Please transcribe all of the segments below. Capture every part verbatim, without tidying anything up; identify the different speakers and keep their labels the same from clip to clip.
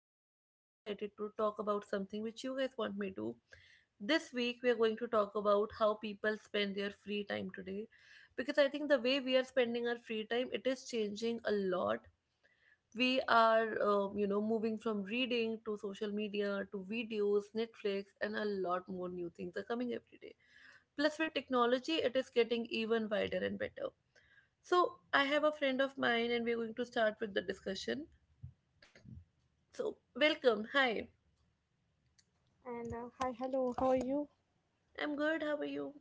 Speaker 1: I feel so excited to talk about something which you guys want me to. This week we are going to talk about how people spend their free time today because I think the way we are spending our free time it is changing a lot. We are um, you know moving from reading to social media to videos, Netflix, and a lot more new things are coming every day. Plus, with technology, it is getting even wider and better. So, I have a friend of mine, and we're going to start with the discussion. So, welcome. Hi,
Speaker 2: And uh, Hi, hello, how are you?
Speaker 1: I'm good. How are you?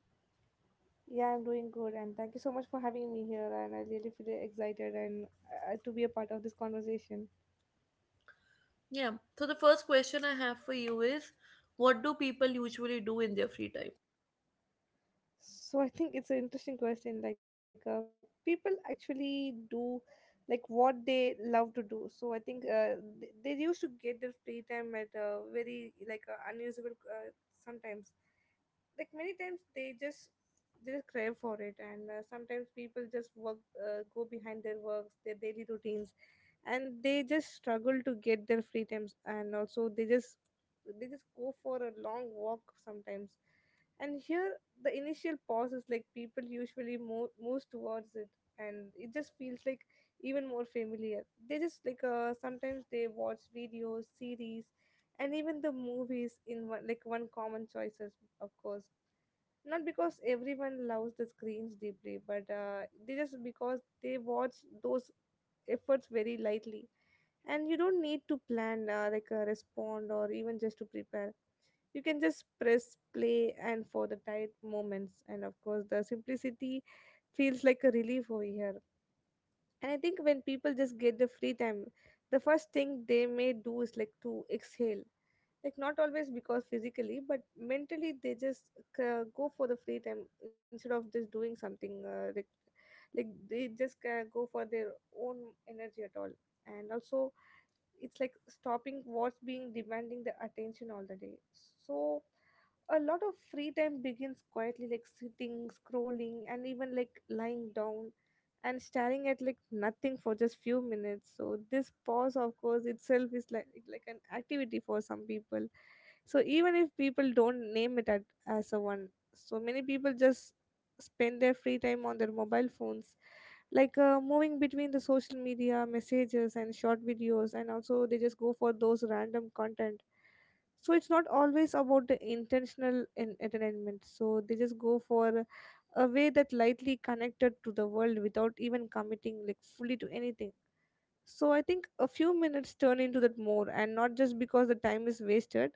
Speaker 2: Yeah, I'm doing good, and thank you so much for having me here. And I really feel excited and uh, to be a part of this conversation.
Speaker 1: Yeah. So, the first question I have for you is, what do people usually do in their free time?
Speaker 2: So I think it's an interesting question. Like, uh, people actually do like what they love to do. So I think uh, they, they used to get their free time at uh, very like uh, unusable uh, sometimes. Like many times they just they just crave for it, and uh, sometimes people just work uh, go behind their works, their daily routines, and they just struggle to get their free times, and also they just they just go for a long walk sometimes. And here the initial pause is like people usually move moves towards it, and it just feels like even more familiar. They just like uh, sometimes they watch videos series and even the movies in one like one common choices. Of course, not because everyone loves the screens deeply, but uh, they just because they watch those efforts very lightly, and you don't need to plan uh, like uh, respond or even just to prepare. You can just press play and for the tight moments, and of course the simplicity feels like a relief over here. And I think when people just get the free time, the first thing they may do is like to exhale, like not always because physically but mentally. They just uh, go for the free time instead of just doing something uh, like like they just uh, go for their own energy at all. And also it's like stopping what's being demanding the attention all the day. So a lot of free time begins quietly, like sitting, scrolling, and even like lying down and staring at like nothing for just few minutes. So this pause of course itself is like like an activity for some people. So even if people don't name it at, as a one, so many people just spend their free time on their mobile phones, like uh, moving between the social media messages and short videos, and also they just go for those random content. So it's not always about the intentional en- entertainment. So they just go for a way that lightly connected to the world without even committing like fully to anything. So I think a few minutes turn into that more, and not just because the time is wasted,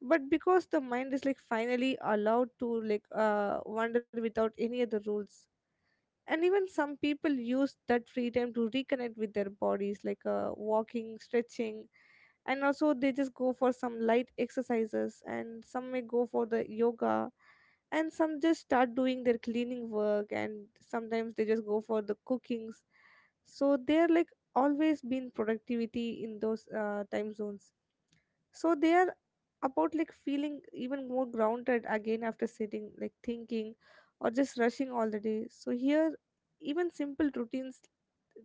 Speaker 2: but because the mind is like finally allowed to like uh wander without any other rules. And even some people use that free time to reconnect with their bodies, like uh, walking, stretching, and also they just go for some light exercises, and some may go for the yoga, and some just start doing their cleaning work, and sometimes they just go for the cookings. So they're like always been productivity in those uh, time zones. So they are about like feeling even more grounded again after sitting, like thinking or just rushing all the day. So here even simple routines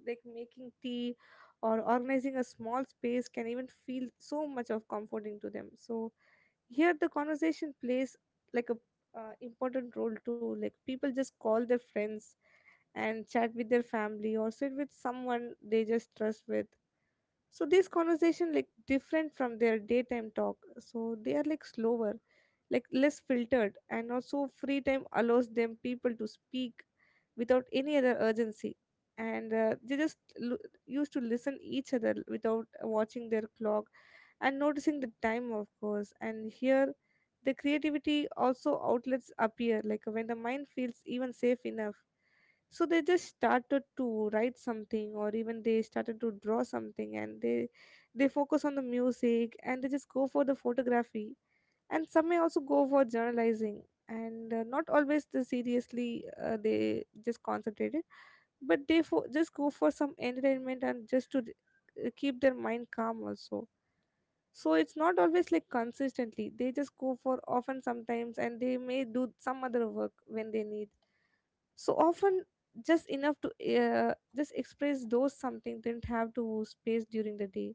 Speaker 2: like making tea or organizing a small space can even feel so much of comforting to them. So here the conversation plays like a uh, important role too, like people just call their friends and chat with their family or sit with someone they just trust with. So this conversation like different from their daytime talk, so they are like slower, like less filtered, and also free time allows them people to speak without any other urgency. And uh, they just l- used to listen each other without watching their clock and noticing the time of course. And here the creativity also outlets appear like when the mind feels even safe enough. So they just started to write something, or even they started to draw something, and they they focus on the music, and they just go for the photography, and some may also go for journalizing. And uh, not always the seriously uh, they just concentrated, but they fo- just go for some entertainment and just to uh, keep their mind calm also. So it's not always like consistently they just go for often sometimes, and they may do some other work when they need. So often just enough to uh, just express those something didn't have to space during the day.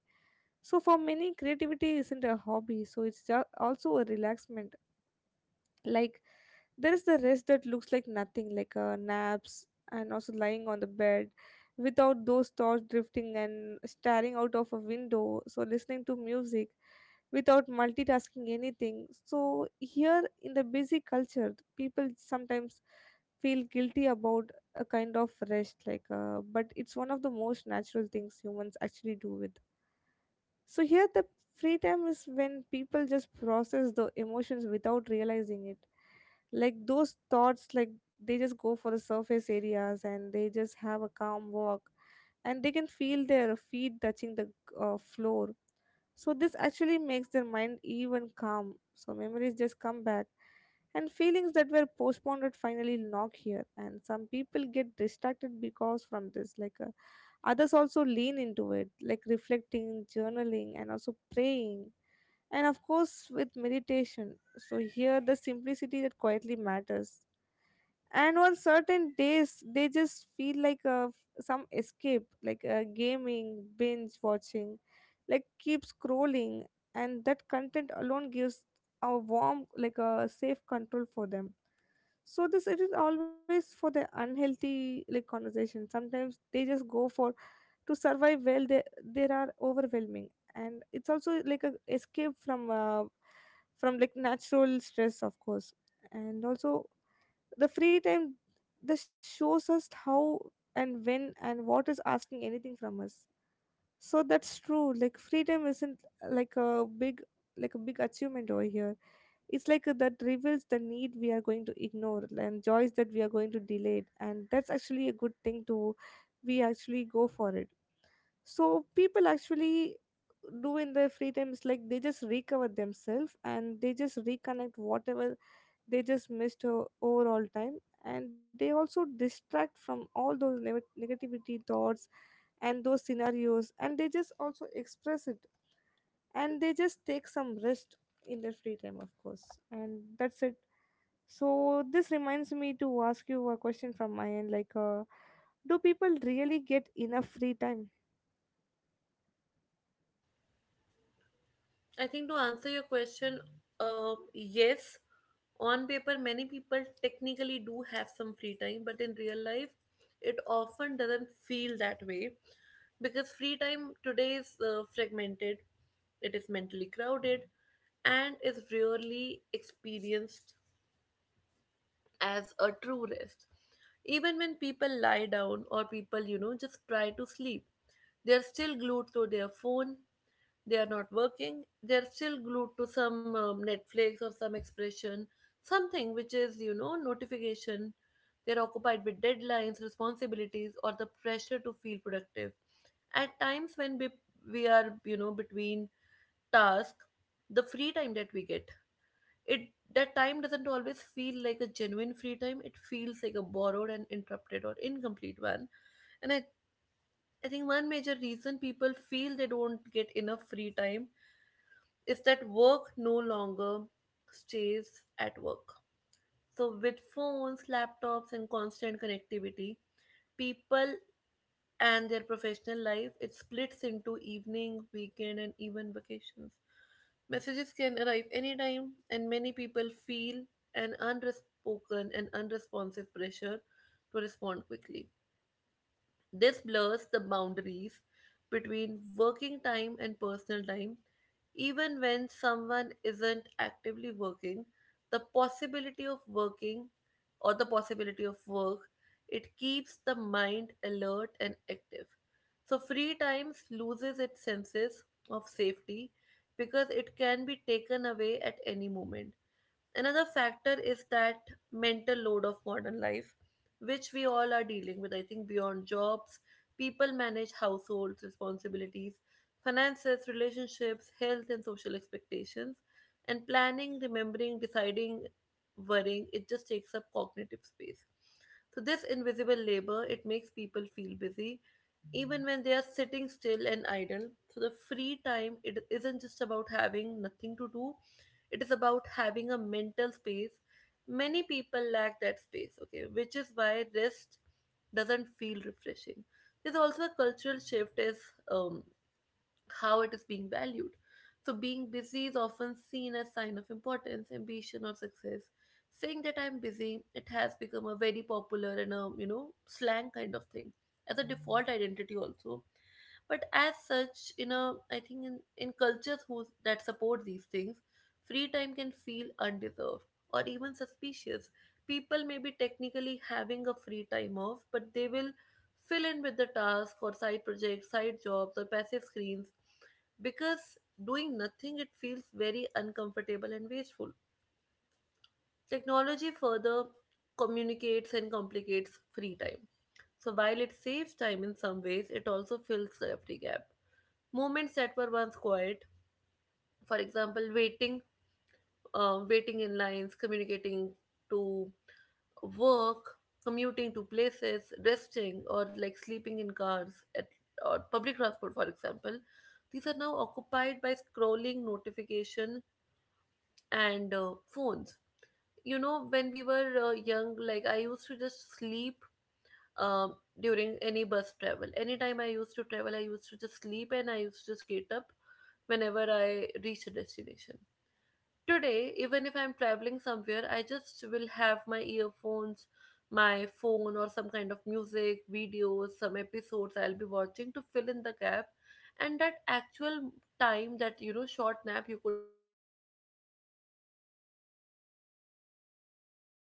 Speaker 2: So for many, creativity isn't a hobby, so it's ju- also a relaxment. Like there is the rest that looks like nothing, like uh, naps and also lying on the bed without those thoughts drifting and staring out of a window, so listening to music without multitasking anything. So here in the busy culture, people sometimes feel guilty about a kind of rest like uh, but it's one of the most natural things humans actually do with. So here the free time is when people just process the emotions without realizing it, like those thoughts like they just go for the surface areas, and they just have a calm walk, and they can feel their feet touching the uh, floor. So this actually makes their mind even calm. So memories just come back, and feelings that were postponed would finally knock here, and some people get distracted because from this like uh, others also lean into it, like reflecting, journaling, and also praying, and of course with meditation. So here the simplicity that quietly matters. And on certain days they just feel like a, f- some escape, like a gaming, binge watching, like keep scrolling, and that content alone gives a warm like a safe control for them. So this it is always for the unhealthy like conversation sometimes they just go for to survive well they there are overwhelming, and it's also like a escape from uh, from like natural stress of course. And also the free time, this shows us how and when and what is asking anything from us. So that's true. Like freedom isn't uh, like a big like a big achievement over here. It's like uh, that reveals the need we are going to ignore and joys that we are going to delay it, and that's actually a good thing to we actually go for it. So people actually do in their free time is like they just recover themselves, and they just reconnect whatever they just missed her overall time, and they also distract from all those neg- negativity thoughts and those scenarios, and they just also express it, and they just take some rest in their free time of course. And that's it. So this reminds me to ask you a question from my end, like uh, do people really get enough free time?
Speaker 1: I think to answer your question, uh, yes, on paper, many people technically do have some free time, but in real life, it often doesn't feel that way because free time today is uh, fragmented, it is mentally crowded, and is rarely experienced as a true rest. Even when people lie down or people, you know, just try to sleep, they are still glued to their phone. They are not working, they're still glued to some um, Netflix or some expression, something which is, you know notification. They're occupied with deadlines, responsibilities, or the pressure to feel productive. At times when we, we are, you know between task, the free time that we get, it that time doesn't always feel like a genuine free time. It feels like a borrowed and interrupted or incomplete one. And i, I think one major reason people feel they don't get enough free time is that work no longer stays at work. So, with phones, laptops, and constant connectivity, people and their professional life, it splits into evening, weekend, and even vacations. Messages can arrive anytime, and many people feel an unspoken and unresponsive pressure to respond quickly. This blurs the boundaries between working time and personal time. Even when someone isn't actively working, the possibility of working, or the possibility of work, it keeps the mind alert and active. So, free time loses its senses of safety because it can be taken away at any moment. Another factor is that mental load of modern life, which we all are dealing with, I think, beyond jobs. People manage households, responsibilities, finances, relationships, health, and social expectations. And planning, remembering, deciding, worrying, it just takes up cognitive space. So, this invisible labor, it makes people feel busy even when they are sitting still and idle. So, the free time, it isn't just about having nothing to do, it is about having a mental space. Many people lack that space, okay, which is why rest doesn't feel refreshing. There's also a cultural shift is, um, how it is being valued. So being busy is often seen as sign of importance, ambition, or success. Saying that I'm busy, it has become a very popular and a you know slang kind of thing, as a default identity also. But as such, you know, I think in, in cultures who that support these things, free time can feel undeserved or even suspicious. People may be technically having a free time off, but they will fill in with the task or side projects, side jobs, or passive screens, because doing nothing it feels very uncomfortable and wasteful. Technology further communicates and complicates free time. So while it saves time in some ways, it also fills the empty gap. Moments that were once quiet, for example, waiting um, waiting in lines, communicating to work, commuting to places, resting, or like sleeping in cars at, or public transport, for example, these are now occupied by scrolling, notification, and uh, phones. You know, when we were uh, young, like I used to just sleep, um, during any bus travel. Anytime I used to travel, I used to just sleep, and I used to just get up whenever I reached a destination. Today, even if I'm traveling somewhere, I just will have my earphones, my phone, or some kind of music, videos, some episodes I'll be watching to fill in the gap. And that actual time that, you know short nap you could have taken, um, you you just s- skip that moment.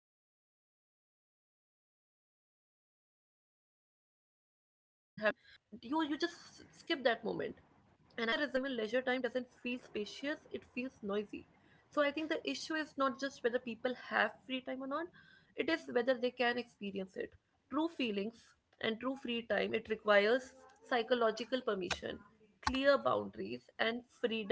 Speaker 1: And I think this constant stimulation, it prevents the mind from settling, and as a result, even leisure time doesn't feel spacious, it feels noisy. So I think the issue is not just whether people have free time or not, it is whether they can experience it. True feelings and true free time, it requires psychological permission, clear boundaries, and freedom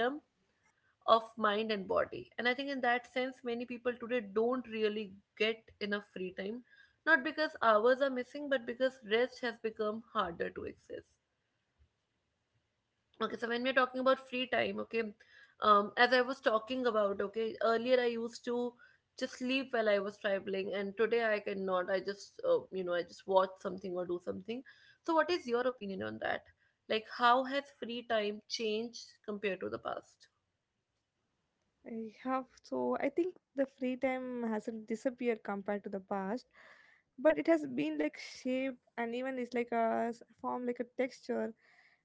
Speaker 1: of mind and body. And I think in that sense, many people today don't really get enough free time, not because hours are missing, but because rest has become harder to access. Okay, so when we're talking about free time, okay, um, as I was talking about, okay, earlier I used to just sleep while I was traveling, and today I cannot. I just, uh, you know, I just watch something or do something. So, what is your opinion on that? Like, how has free time changed compared to the past?
Speaker 2: I have, so I think the free time hasn't disappeared compared to the past, but it has been like shape, and even it's like a s- form like a texture,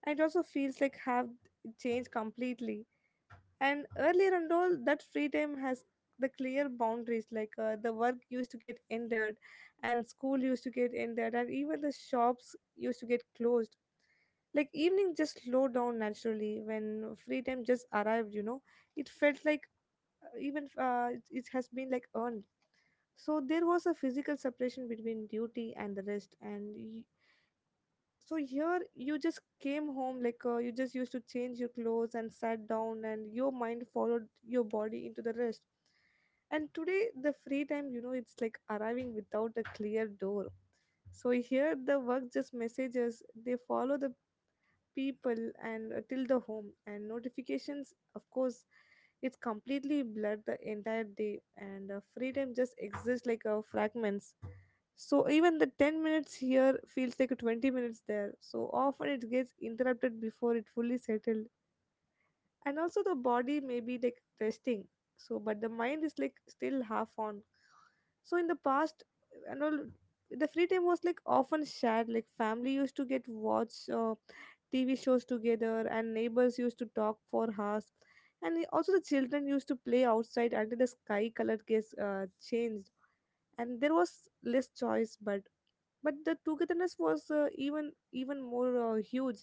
Speaker 2: and it also feels like have changed completely. And earlier and all that free time has the clear boundaries, like uh, the work used to get ended, and school used to get ended, and even the shops used to get closed. Like evening just slowed down naturally when free time just arrived. You know, it felt like even uh, it, it has been like earned. So there was a physical separation between duty and the rest, and y- so here you just came home, like uh, you just used to change your clothes and sat down, and your mind followed your body into the rest. And today the free time, you know, it's like arriving without a clear door. So here the work just messages, they follow the people, and uh, till the home and notifications of course, it's completely blurred the entire day. And uh, freedom just exists like uh, fragments. So even the ten minutes here feels like twenty minutes there, so often it gets interrupted before it fully settles. And also the body may be like resting so, but the mind is like still half on. So in the past and all, the free time was like often shared, like family used to get watch uh, tv shows together, and neighbors used to talk for hours, and i- also the children used to play outside until the sky color gets uh, changed. And there was less choice, but but the togetherness was uh, even even more uh, huge.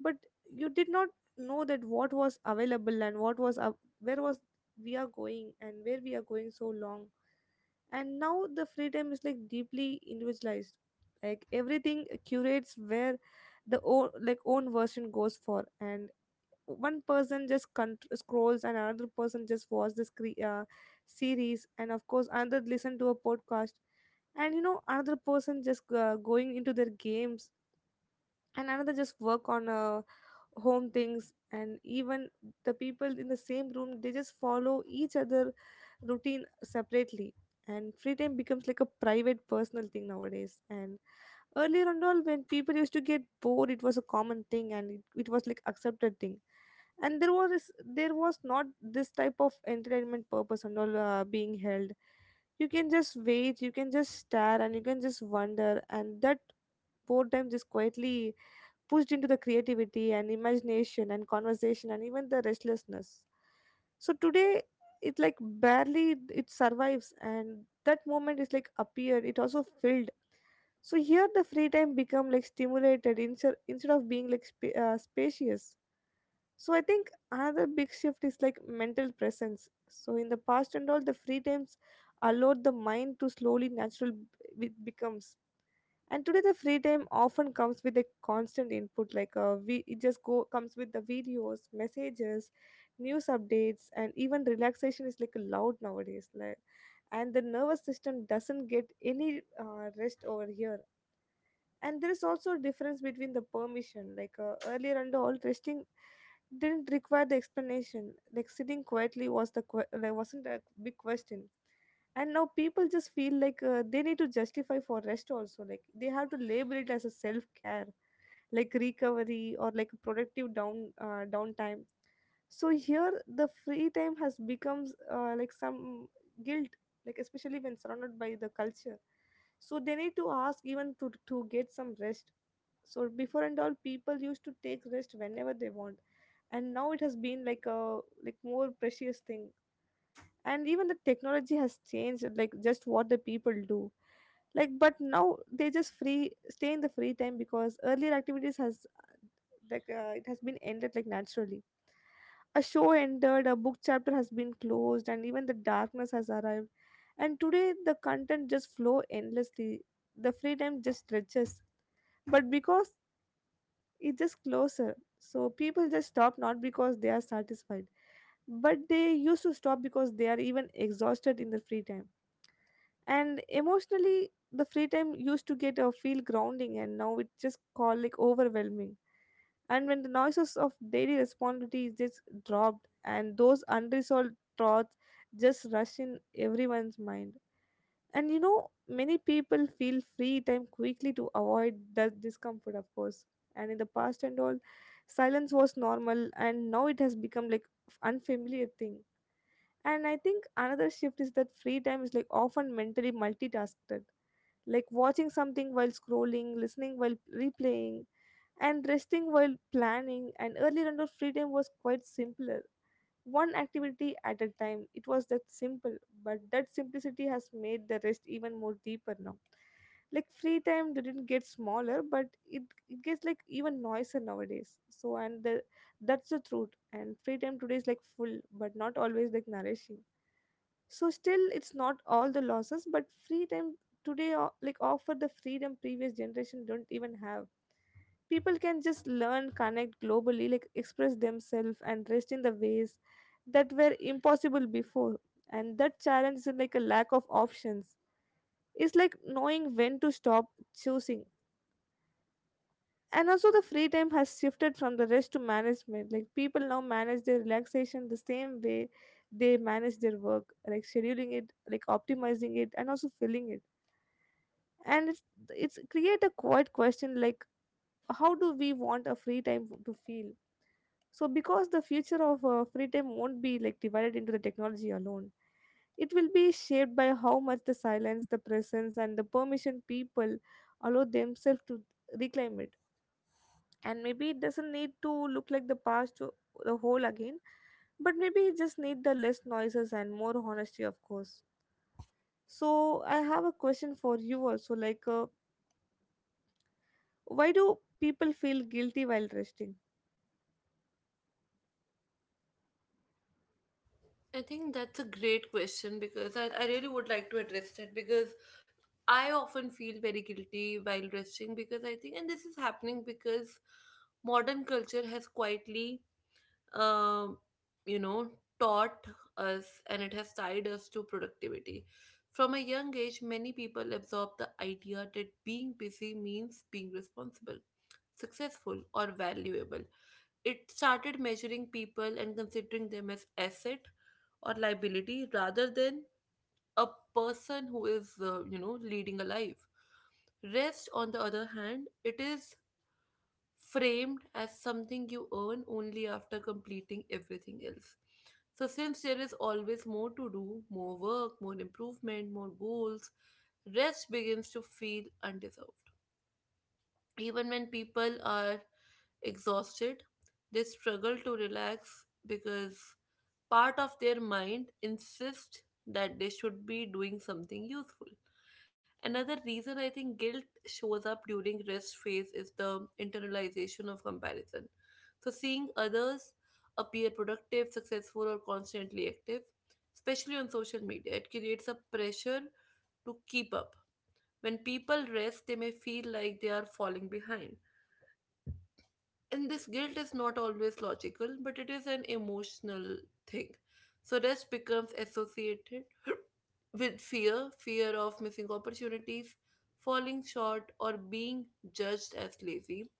Speaker 2: But you did not know that what was available and what was up where was we are going and where we are going so long. And now the free time is like deeply individualized, like everything curates where the own like own version goes for. And one person just con- scrolls, and another person just watch the scre- uh, series, and of course another listen to a podcast, and you know another person just uh, going into their games, and another just work on a home things. And even the people in the same room, they just follow each other routine separately, and free time becomes Like a private personal thing nowadays. And earlier on all, when people used to get bored, it was a common thing, and it, it was like accepted thing. And there was there was not this type of entertainment purpose and all uh, being held. You can just wait, you can just stare, and you can just wonder, and that boredom just quietly pushed into the creativity and imagination and conversation and even the restlessness. So today it like barely it survives, and that moment is like appeared. It also filled. So here the free time become like stimulated instead instead of being like sp- uh, spacious. So I think another big shift is like mental presence. So in the past and all, the free times allowed the mind to slowly natural b- it becomes. And today the free time often comes with a constant input, like uh, we it just go comes with the videos, messages, news updates, and even relaxation is like loud nowadays, like, and the nervous system doesn't get any uh, rest over here. And there is also a difference between the permission, like uh, earlier under all, resting didn't require the explanation, like sitting quietly was the que- like wasn't a big question. And now people just feel like uh, they need to justify for rest also, like they have to label it as a self care, like recovery or like productive down uh, downtime. So here the free time has becomes uh, like some guilt, like especially when surrounded by the culture. So they need to ask even to to get some rest. So before and all, people used to take rest whenever they want, and now it has been like a like more precious thing. And even the technology has changed, like just what the people do, like but now they just free stay in the free time because earlier activities has, like uh, it has been ended like naturally. A show ended, a book chapter has been closed, and even the darkness has arrived. And today the content just flow endlessly. The freedom just stretches. But because it's just closer. So people just stop not because they are satisfied, but they used to stop because they are even exhausted in the free time. And emotionally, the free time used to get a feel grounding, and now it just called like overwhelming. And when the noises of daily responsibilities just dropped and those unresolved thoughts just rush in everyone's mind, and you know many people feel free time quickly to avoid that discomfort, of course. And in the past and all, silence was normal, and now it has become like unfamiliar thing. And I think another shift is that free time is like often mentally multitasked, like watching something while scrolling, listening while replaying, and resting while planning. And earlier indoor freedom was quite simpler, one activity at a time, it was that simple. But that simplicity has made the rest even more deeper now, like free time didn't get smaller, but it, it gets like even noisier nowadays. So and the, that's the truth, and free time today is like full but not always like nourishing. So still it's not all the losses, but free time today o- like offer the freedom previous generation don't even have. People can just learn, connect globally, like express themselves and rest in the ways that were impossible before. And that challenge is like a lack of options, it's like knowing when to stop, choosing. And also the free time has shifted from the rest to management, like people now manage their relaxation the same way they manage their work, like scheduling it, like optimizing it, and also filling it. And it's, it's create a quiet question like how do we want a free time to feel. So because the future of uh, free time won't be like divided into the technology alone, it will be shaped by how much the silence, the presence, and the permission people allow themselves to reclaim it. And maybe it doesn't need to look like the past, to the whole again, but maybe it just need the less noises and more honesty, of course. So I have a question for you also, like, uh, why do people feel guilty while resting?
Speaker 1: I think that's a great question because I, I really would like to address that, because I often feel very guilty while resting, because I think, and this is happening because modern culture has quietly, um, you know, taught us, and it has tied us to productivity. From a young age, many people absorb the idea that being busy means being responsible, successful, or valuable. It started measuring people and considering them as asset or liability rather than a person who is, uh, you know, leading a life. Rest, on the other hand, it is framed as something you earn only after completing everything else. So, since there is always more to do, more work, more improvement, more goals, rest begins to feel undeserved. Even when people are exhausted, they struggle to relax because part of their mind insists that they should be doing something useful. Another reason I think guilt shows up during rest phase is the internalization of comparison. So seeing others appear productive, successful, or constantly active, especially on social media, it creates a pressure to keep up. When people rest, they may feel like they are falling behind, and this guilt is not always logical, but it is an emotional thing. So rest becomes associated with fear fear of missing opportunities, falling short, or being judged as lazy,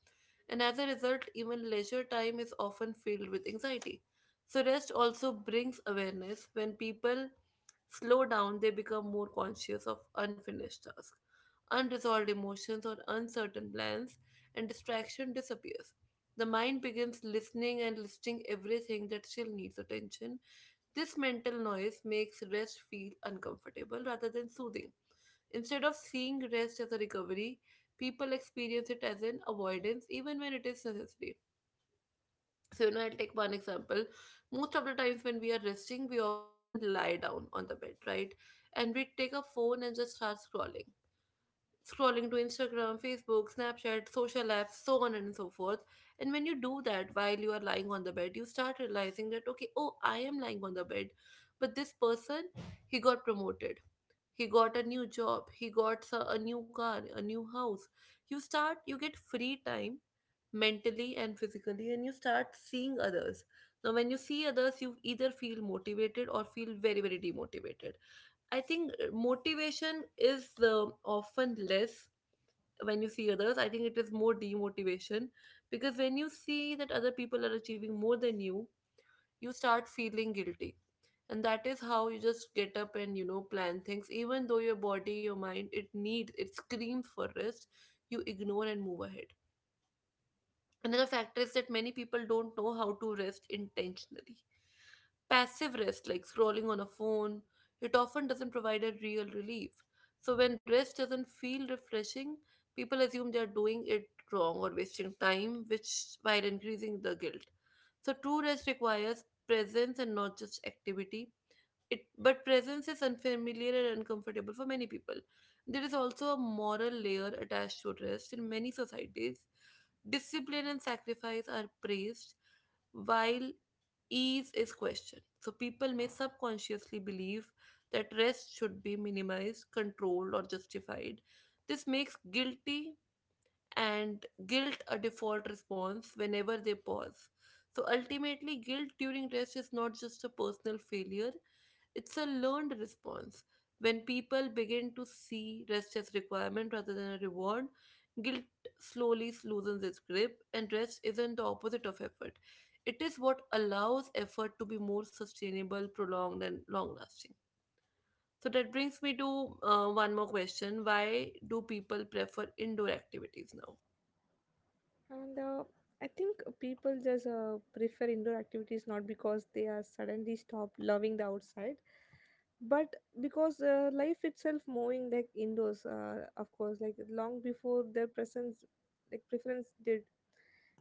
Speaker 1: and as a result, even leisure time is often filled with anxiety. So, rest also brings awareness. When people slow down, they become more conscious of unfinished tasks, unresolved emotions, or uncertain plans, and distraction disappears. The mind begins listening and listing everything that still needs attention. This mental noise makes rest feel uncomfortable rather than soothing. Instead of seeing rest as a recovery, people experience it as an avoidance even when it is necessary. So, you know, I'll take one example. Most of the times when we are resting, we often lie down on the bed, right? And we take a phone and just start scrolling scrolling to Instagram, Facebook, Snapchat, social apps, so on and so forth. And when you do that while you are lying on the bed, you start realizing that, okay, oh, I am lying on the bed. But this person, he got promoted. He got a new job. He got s- a new car, a new house. You start, you get free time mentally and physically, and you start seeing others. Now, when you see others, you either feel motivated or feel very, very demotivated. I think uh, motivation is uh, often less when you see others. I think it is more demotivation, because when you see that other people are achieving more than you, you start feeling guilty, and that is how you just get up and, you know, plan things even though your body, your mind, it needs, it screams for rest. You ignore and move ahead. Another factor is that many people don't know how to rest intentionally. Passive rest, like scrolling on a phone, it often doesn't provide a real relief. So when rest doesn't feel refreshing, people assume they are doing it wrong or wasting time, which while increasing the guilt. So true rest requires presence and not just activity. It but presence is unfamiliar and uncomfortable for many people. There is also a moral layer attached to rest in many societies. Discipline and sacrifice are praised while ease is questioned. So people may subconsciously believe that rest should be minimized, controlled, or justified. This makes guilty and guilt a default response whenever they pause. So ultimately, guilt during rest is not just a personal failure, it's a learned response. When people begin to see rest as requirement rather than a reward, guilt slowly loosens its grip, and rest isn't the opposite of effort. It is what allows effort to be more sustainable, prolonged, and long lasting. So that brings me to uh, one more question. Why do people prefer indoor activities now?
Speaker 2: And uh, I think people just uh, prefer indoor activities not because they are suddenly stopped loving the outside, but because uh, life itself moving like indoors uh, of course, like long before their presence like preference did.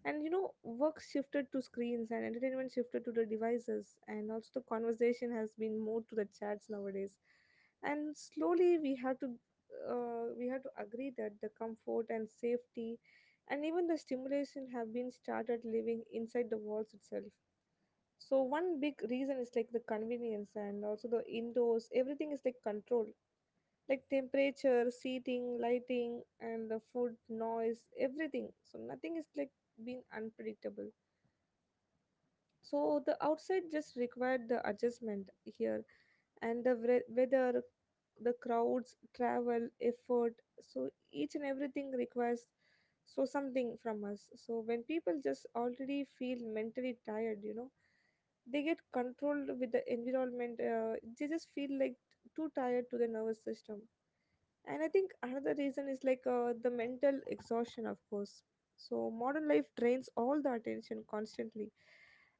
Speaker 2: And you know work shifted to screens, and entertainment shifted to the devices, and also the conversation has been more to the chats nowadays. And slowly we have to uh, we have to agree that the comfort and safety and even the stimulation have been started living inside the walls itself. So one big reason is like the convenience and also the indoors. Everything is like controlled, like temperature, seating, lighting, and the food, noise, everything. So nothing is like being unpredictable. So the outside just required the adjustment here, and the wre- weather, the crowds, travel, effort. So each and everything requires so something from us. So when people just already feel mentally tired, you know, they get controlled with the environment. Uh, they just feel like too tired to the nervous system. And I think another reason is like uh, the mental exhaustion, of course. So modern life drains all the attention constantly,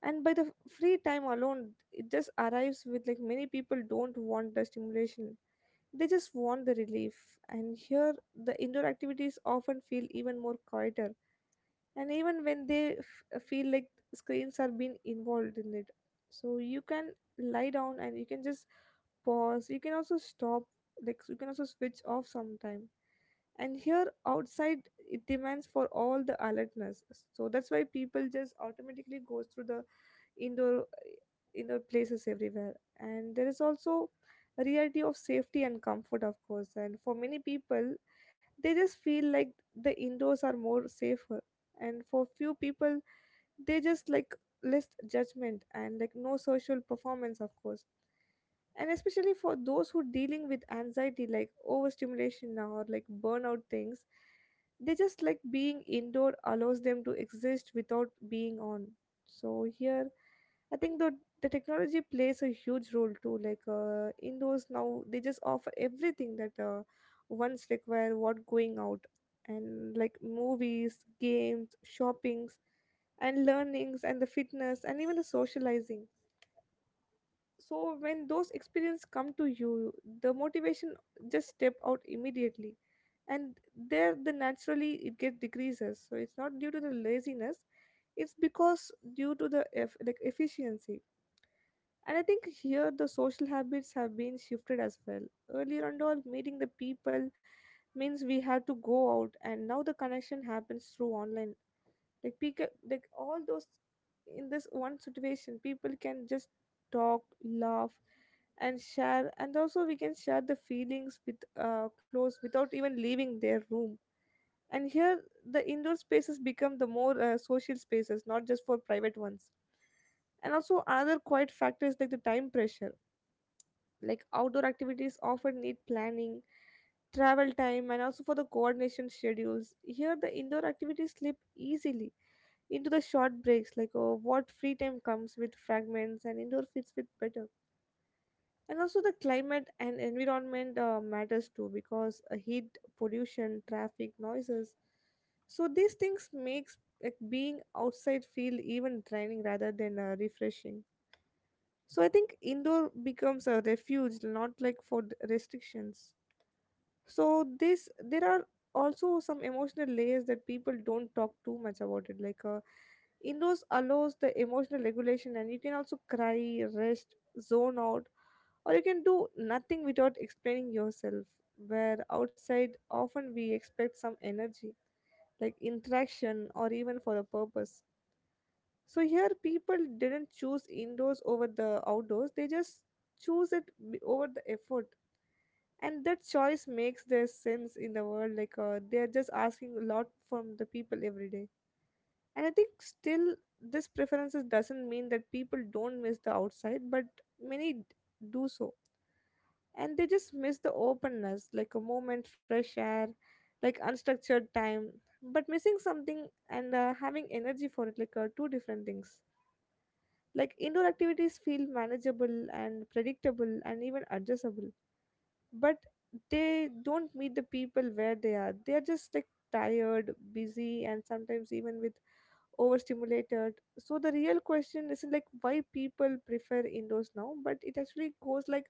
Speaker 2: and by the f- free time alone it just arrives with, like, many people don't want the stimulation, they just want the relief. And here the indoor activities often feel even more quieter, and even when they f- uh, feel like screens are being involved in it. So you can lie down and you can just pause, you can also stop, like you can also switch off sometime. And here outside it demands for all the alertness. So that's why people just automatically goes through the indoor indoor places everywhere. And there is also a reality of safety and comfort, of course. And for many people, they just feel like the indoors are more safer. And for few people, they just like less judgment and like no social performance, of course. And especially for those who dealing with anxiety, like overstimulation or like burnout things, they just like being indoor allows them to exist without being on. So here I think the the technology plays a huge role too. Like uh, indoors now, they just offer everything that uh, once require what going out, and like movies, games, shoppings, and learnings, and the fitness, and even the socializing. So when those experiences come to you, the motivation just step out immediately, and there the naturally it get decreases. So it's not due to the laziness, it's because due to the eff- like efficiency. And I think here the social habits have been shifted as well. Earlier and all, meeting the people means we had to go out, and now the connection happens through online. Like people, like all those in this one situation, people can just talk, laugh, and share, and also we can share the feelings with uh, close without even leaving their room. And here, the indoor spaces become the more uh, social spaces, not just for private ones. And also another quiet factor is like the time pressure, like outdoor activities often need planning, travel time, and also for the coordination schedules. Here, the indoor activities slip easily into the short breaks, like oh, what free time comes with fragments, and indoor fits with better. And also, the climate and environment uh, matters too, because uh, heat, pollution, traffic, noises. So these things makes like being outside feel even draining rather than uh, refreshing. So I think indoor becomes a refuge, not like for d- restrictions. So this there are also some emotional layers that people don't talk too much about it, like uh, indoors allows the emotional regulation, and you can also cry, rest, zone out, or you can do nothing without explaining yourself. Where outside often we expect some energy, like interaction or even for a purpose. So here people didn't choose indoors over the outdoors, they just choose it b- over the effort. And that choice makes their sense in the world, like uh, they are just asking a lot from the people every day. And I think still this preferences doesn't mean that people don't miss the outside, but many d- do so. And they just miss the openness, like a moment fresh air, like unstructured time. But missing something and uh, having energy for it, like uh, two different things. Like indoor activities feel manageable and predictable and even adjustable, but they don't meet the people where they are, they are just like tired, busy, and sometimes even with overstimulated. So the real question isn't like why people prefer indoors now, but it actually goes like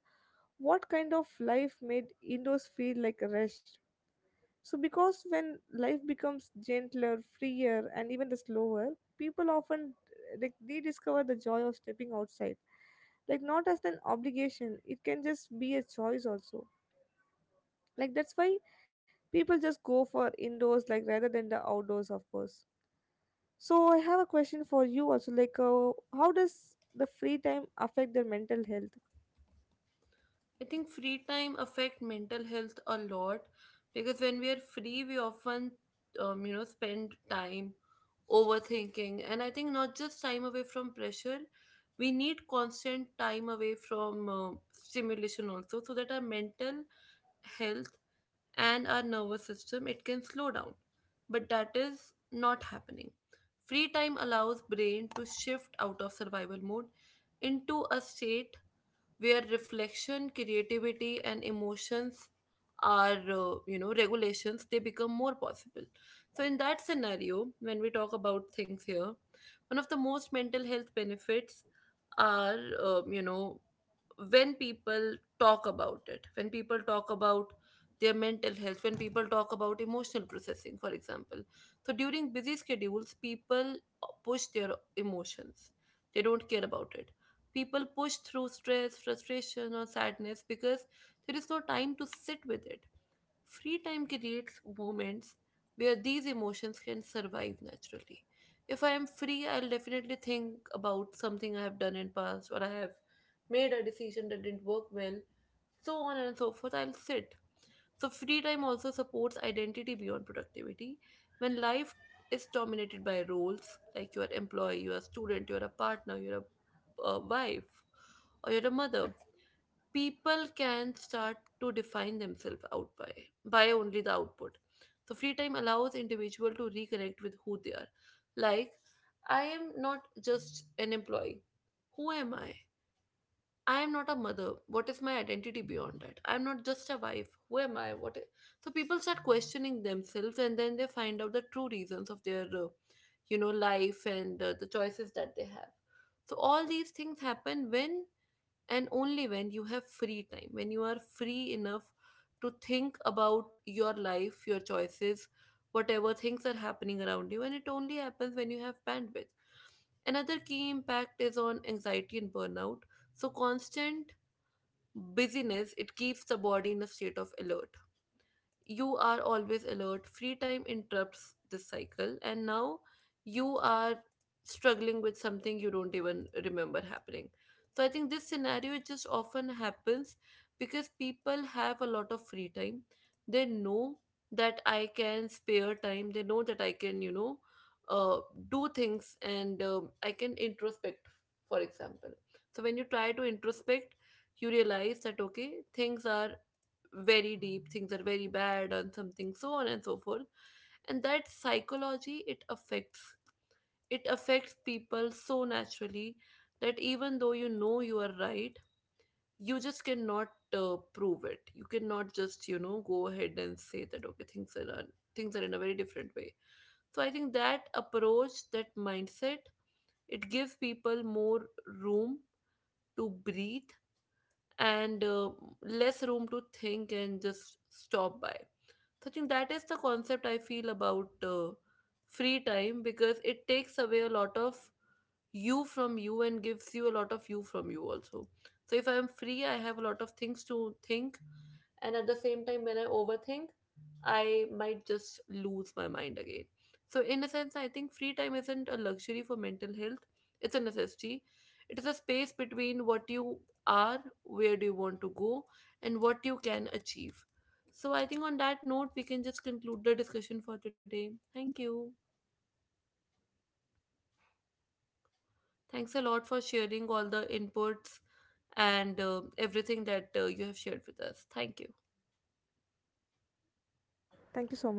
Speaker 2: what kind of life made indoors feel like rest. So because when life becomes gentler, freer, and even the slower, people often like rediscover the joy of stepping outside, like not as an obligation, it can just be a choice also. Like that's why people just go for indoors, like rather than the outdoors, of course. So I have a question for you also, like uh, how does the free time affect their mental health?
Speaker 1: I think free time affect mental health a lot because when we are free, we often, um, you know, spend time overthinking. And I think not just time away from pressure, we need constant time away from uh, stimulation also, so that our mental health and our nervous system it can slow down. But that is not happening. Free time allows brain to shift out of survival mode into a state where reflection, creativity, and emotions are, uh, you know, regulations, they become more possible. So, in that scenario, when we talk about things here, one of the most mental health benefits are, uh, you know, when people talk about it, when people talk about their mental health, when people talk about emotional processing, for example. So during busy schedules, people push their emotions, they don't care about it. People push through stress, frustration, or sadness because there is no time to sit with it. Free time creates moments where these emotions can survive naturally. If I am free, I'll definitely think about something I have done in past or I have made a decision that didn't work well, so on and so forth. I'll sit. So free time also supports identity beyond productivity. When life is dominated by roles like you are employee, you are student, you are a partner, you are a, a wife, or you're a mother, people can start to define themselves out by by only the output. So free time allows individual to reconnect with who they are. Like, I am not just an employee. Who am I? I am not a mother. What is my identity beyond that? I am not just a wife. Who am I? What i- so people start questioning themselves and then they find out the true reasons of their uh, you know, life and uh, the choices that they have. So all these things happen when and only when you have free time, when you are free enough to think about your life, your choices, whatever things are happening around you, and it only happens when you have bandwidth. Another key impact is on anxiety and burnout. So, constant busyness, it keeps the body in a state of alert. You are always alert. Free time interrupts this cycle and now you are struggling with something you don't even remember happening. So I think this scenario, it just often happens because people have a lot of free time. They know that I can spare time. They know that I can, you know, uh, do things and um, I can introspect, for example. So when you try to introspect, you realize that okay, things are very deep, things are very bad and something, so on and so forth. And that psychology, it affects, it affects people so naturally that even though you know you are right, you just cannot uh, prove it. You cannot just, you know, go ahead and say that okay, things are un- things are in a very different way. So I think that approach, that mindset, it gives people more room to breathe and uh, less room to think and just stop by. So I think that is the concept I feel about uh, free time because it takes away a lot of you from you and gives you a lot of you from you also. So if I am free, I have a lot of things to think, and at the same time, when I overthink, I might just lose my mind again. So, in a sense, I think free time isn't a luxury for mental health, it's a necessity. It is a space between what you are, where do you want to go, and what you can achieve. So, I think on that note, we can just conclude the discussion for today. Thank you. Thanks a lot for sharing all the inputs and uh, everything that uh, you have shared with us. Thank you.
Speaker 2: Thank you so much.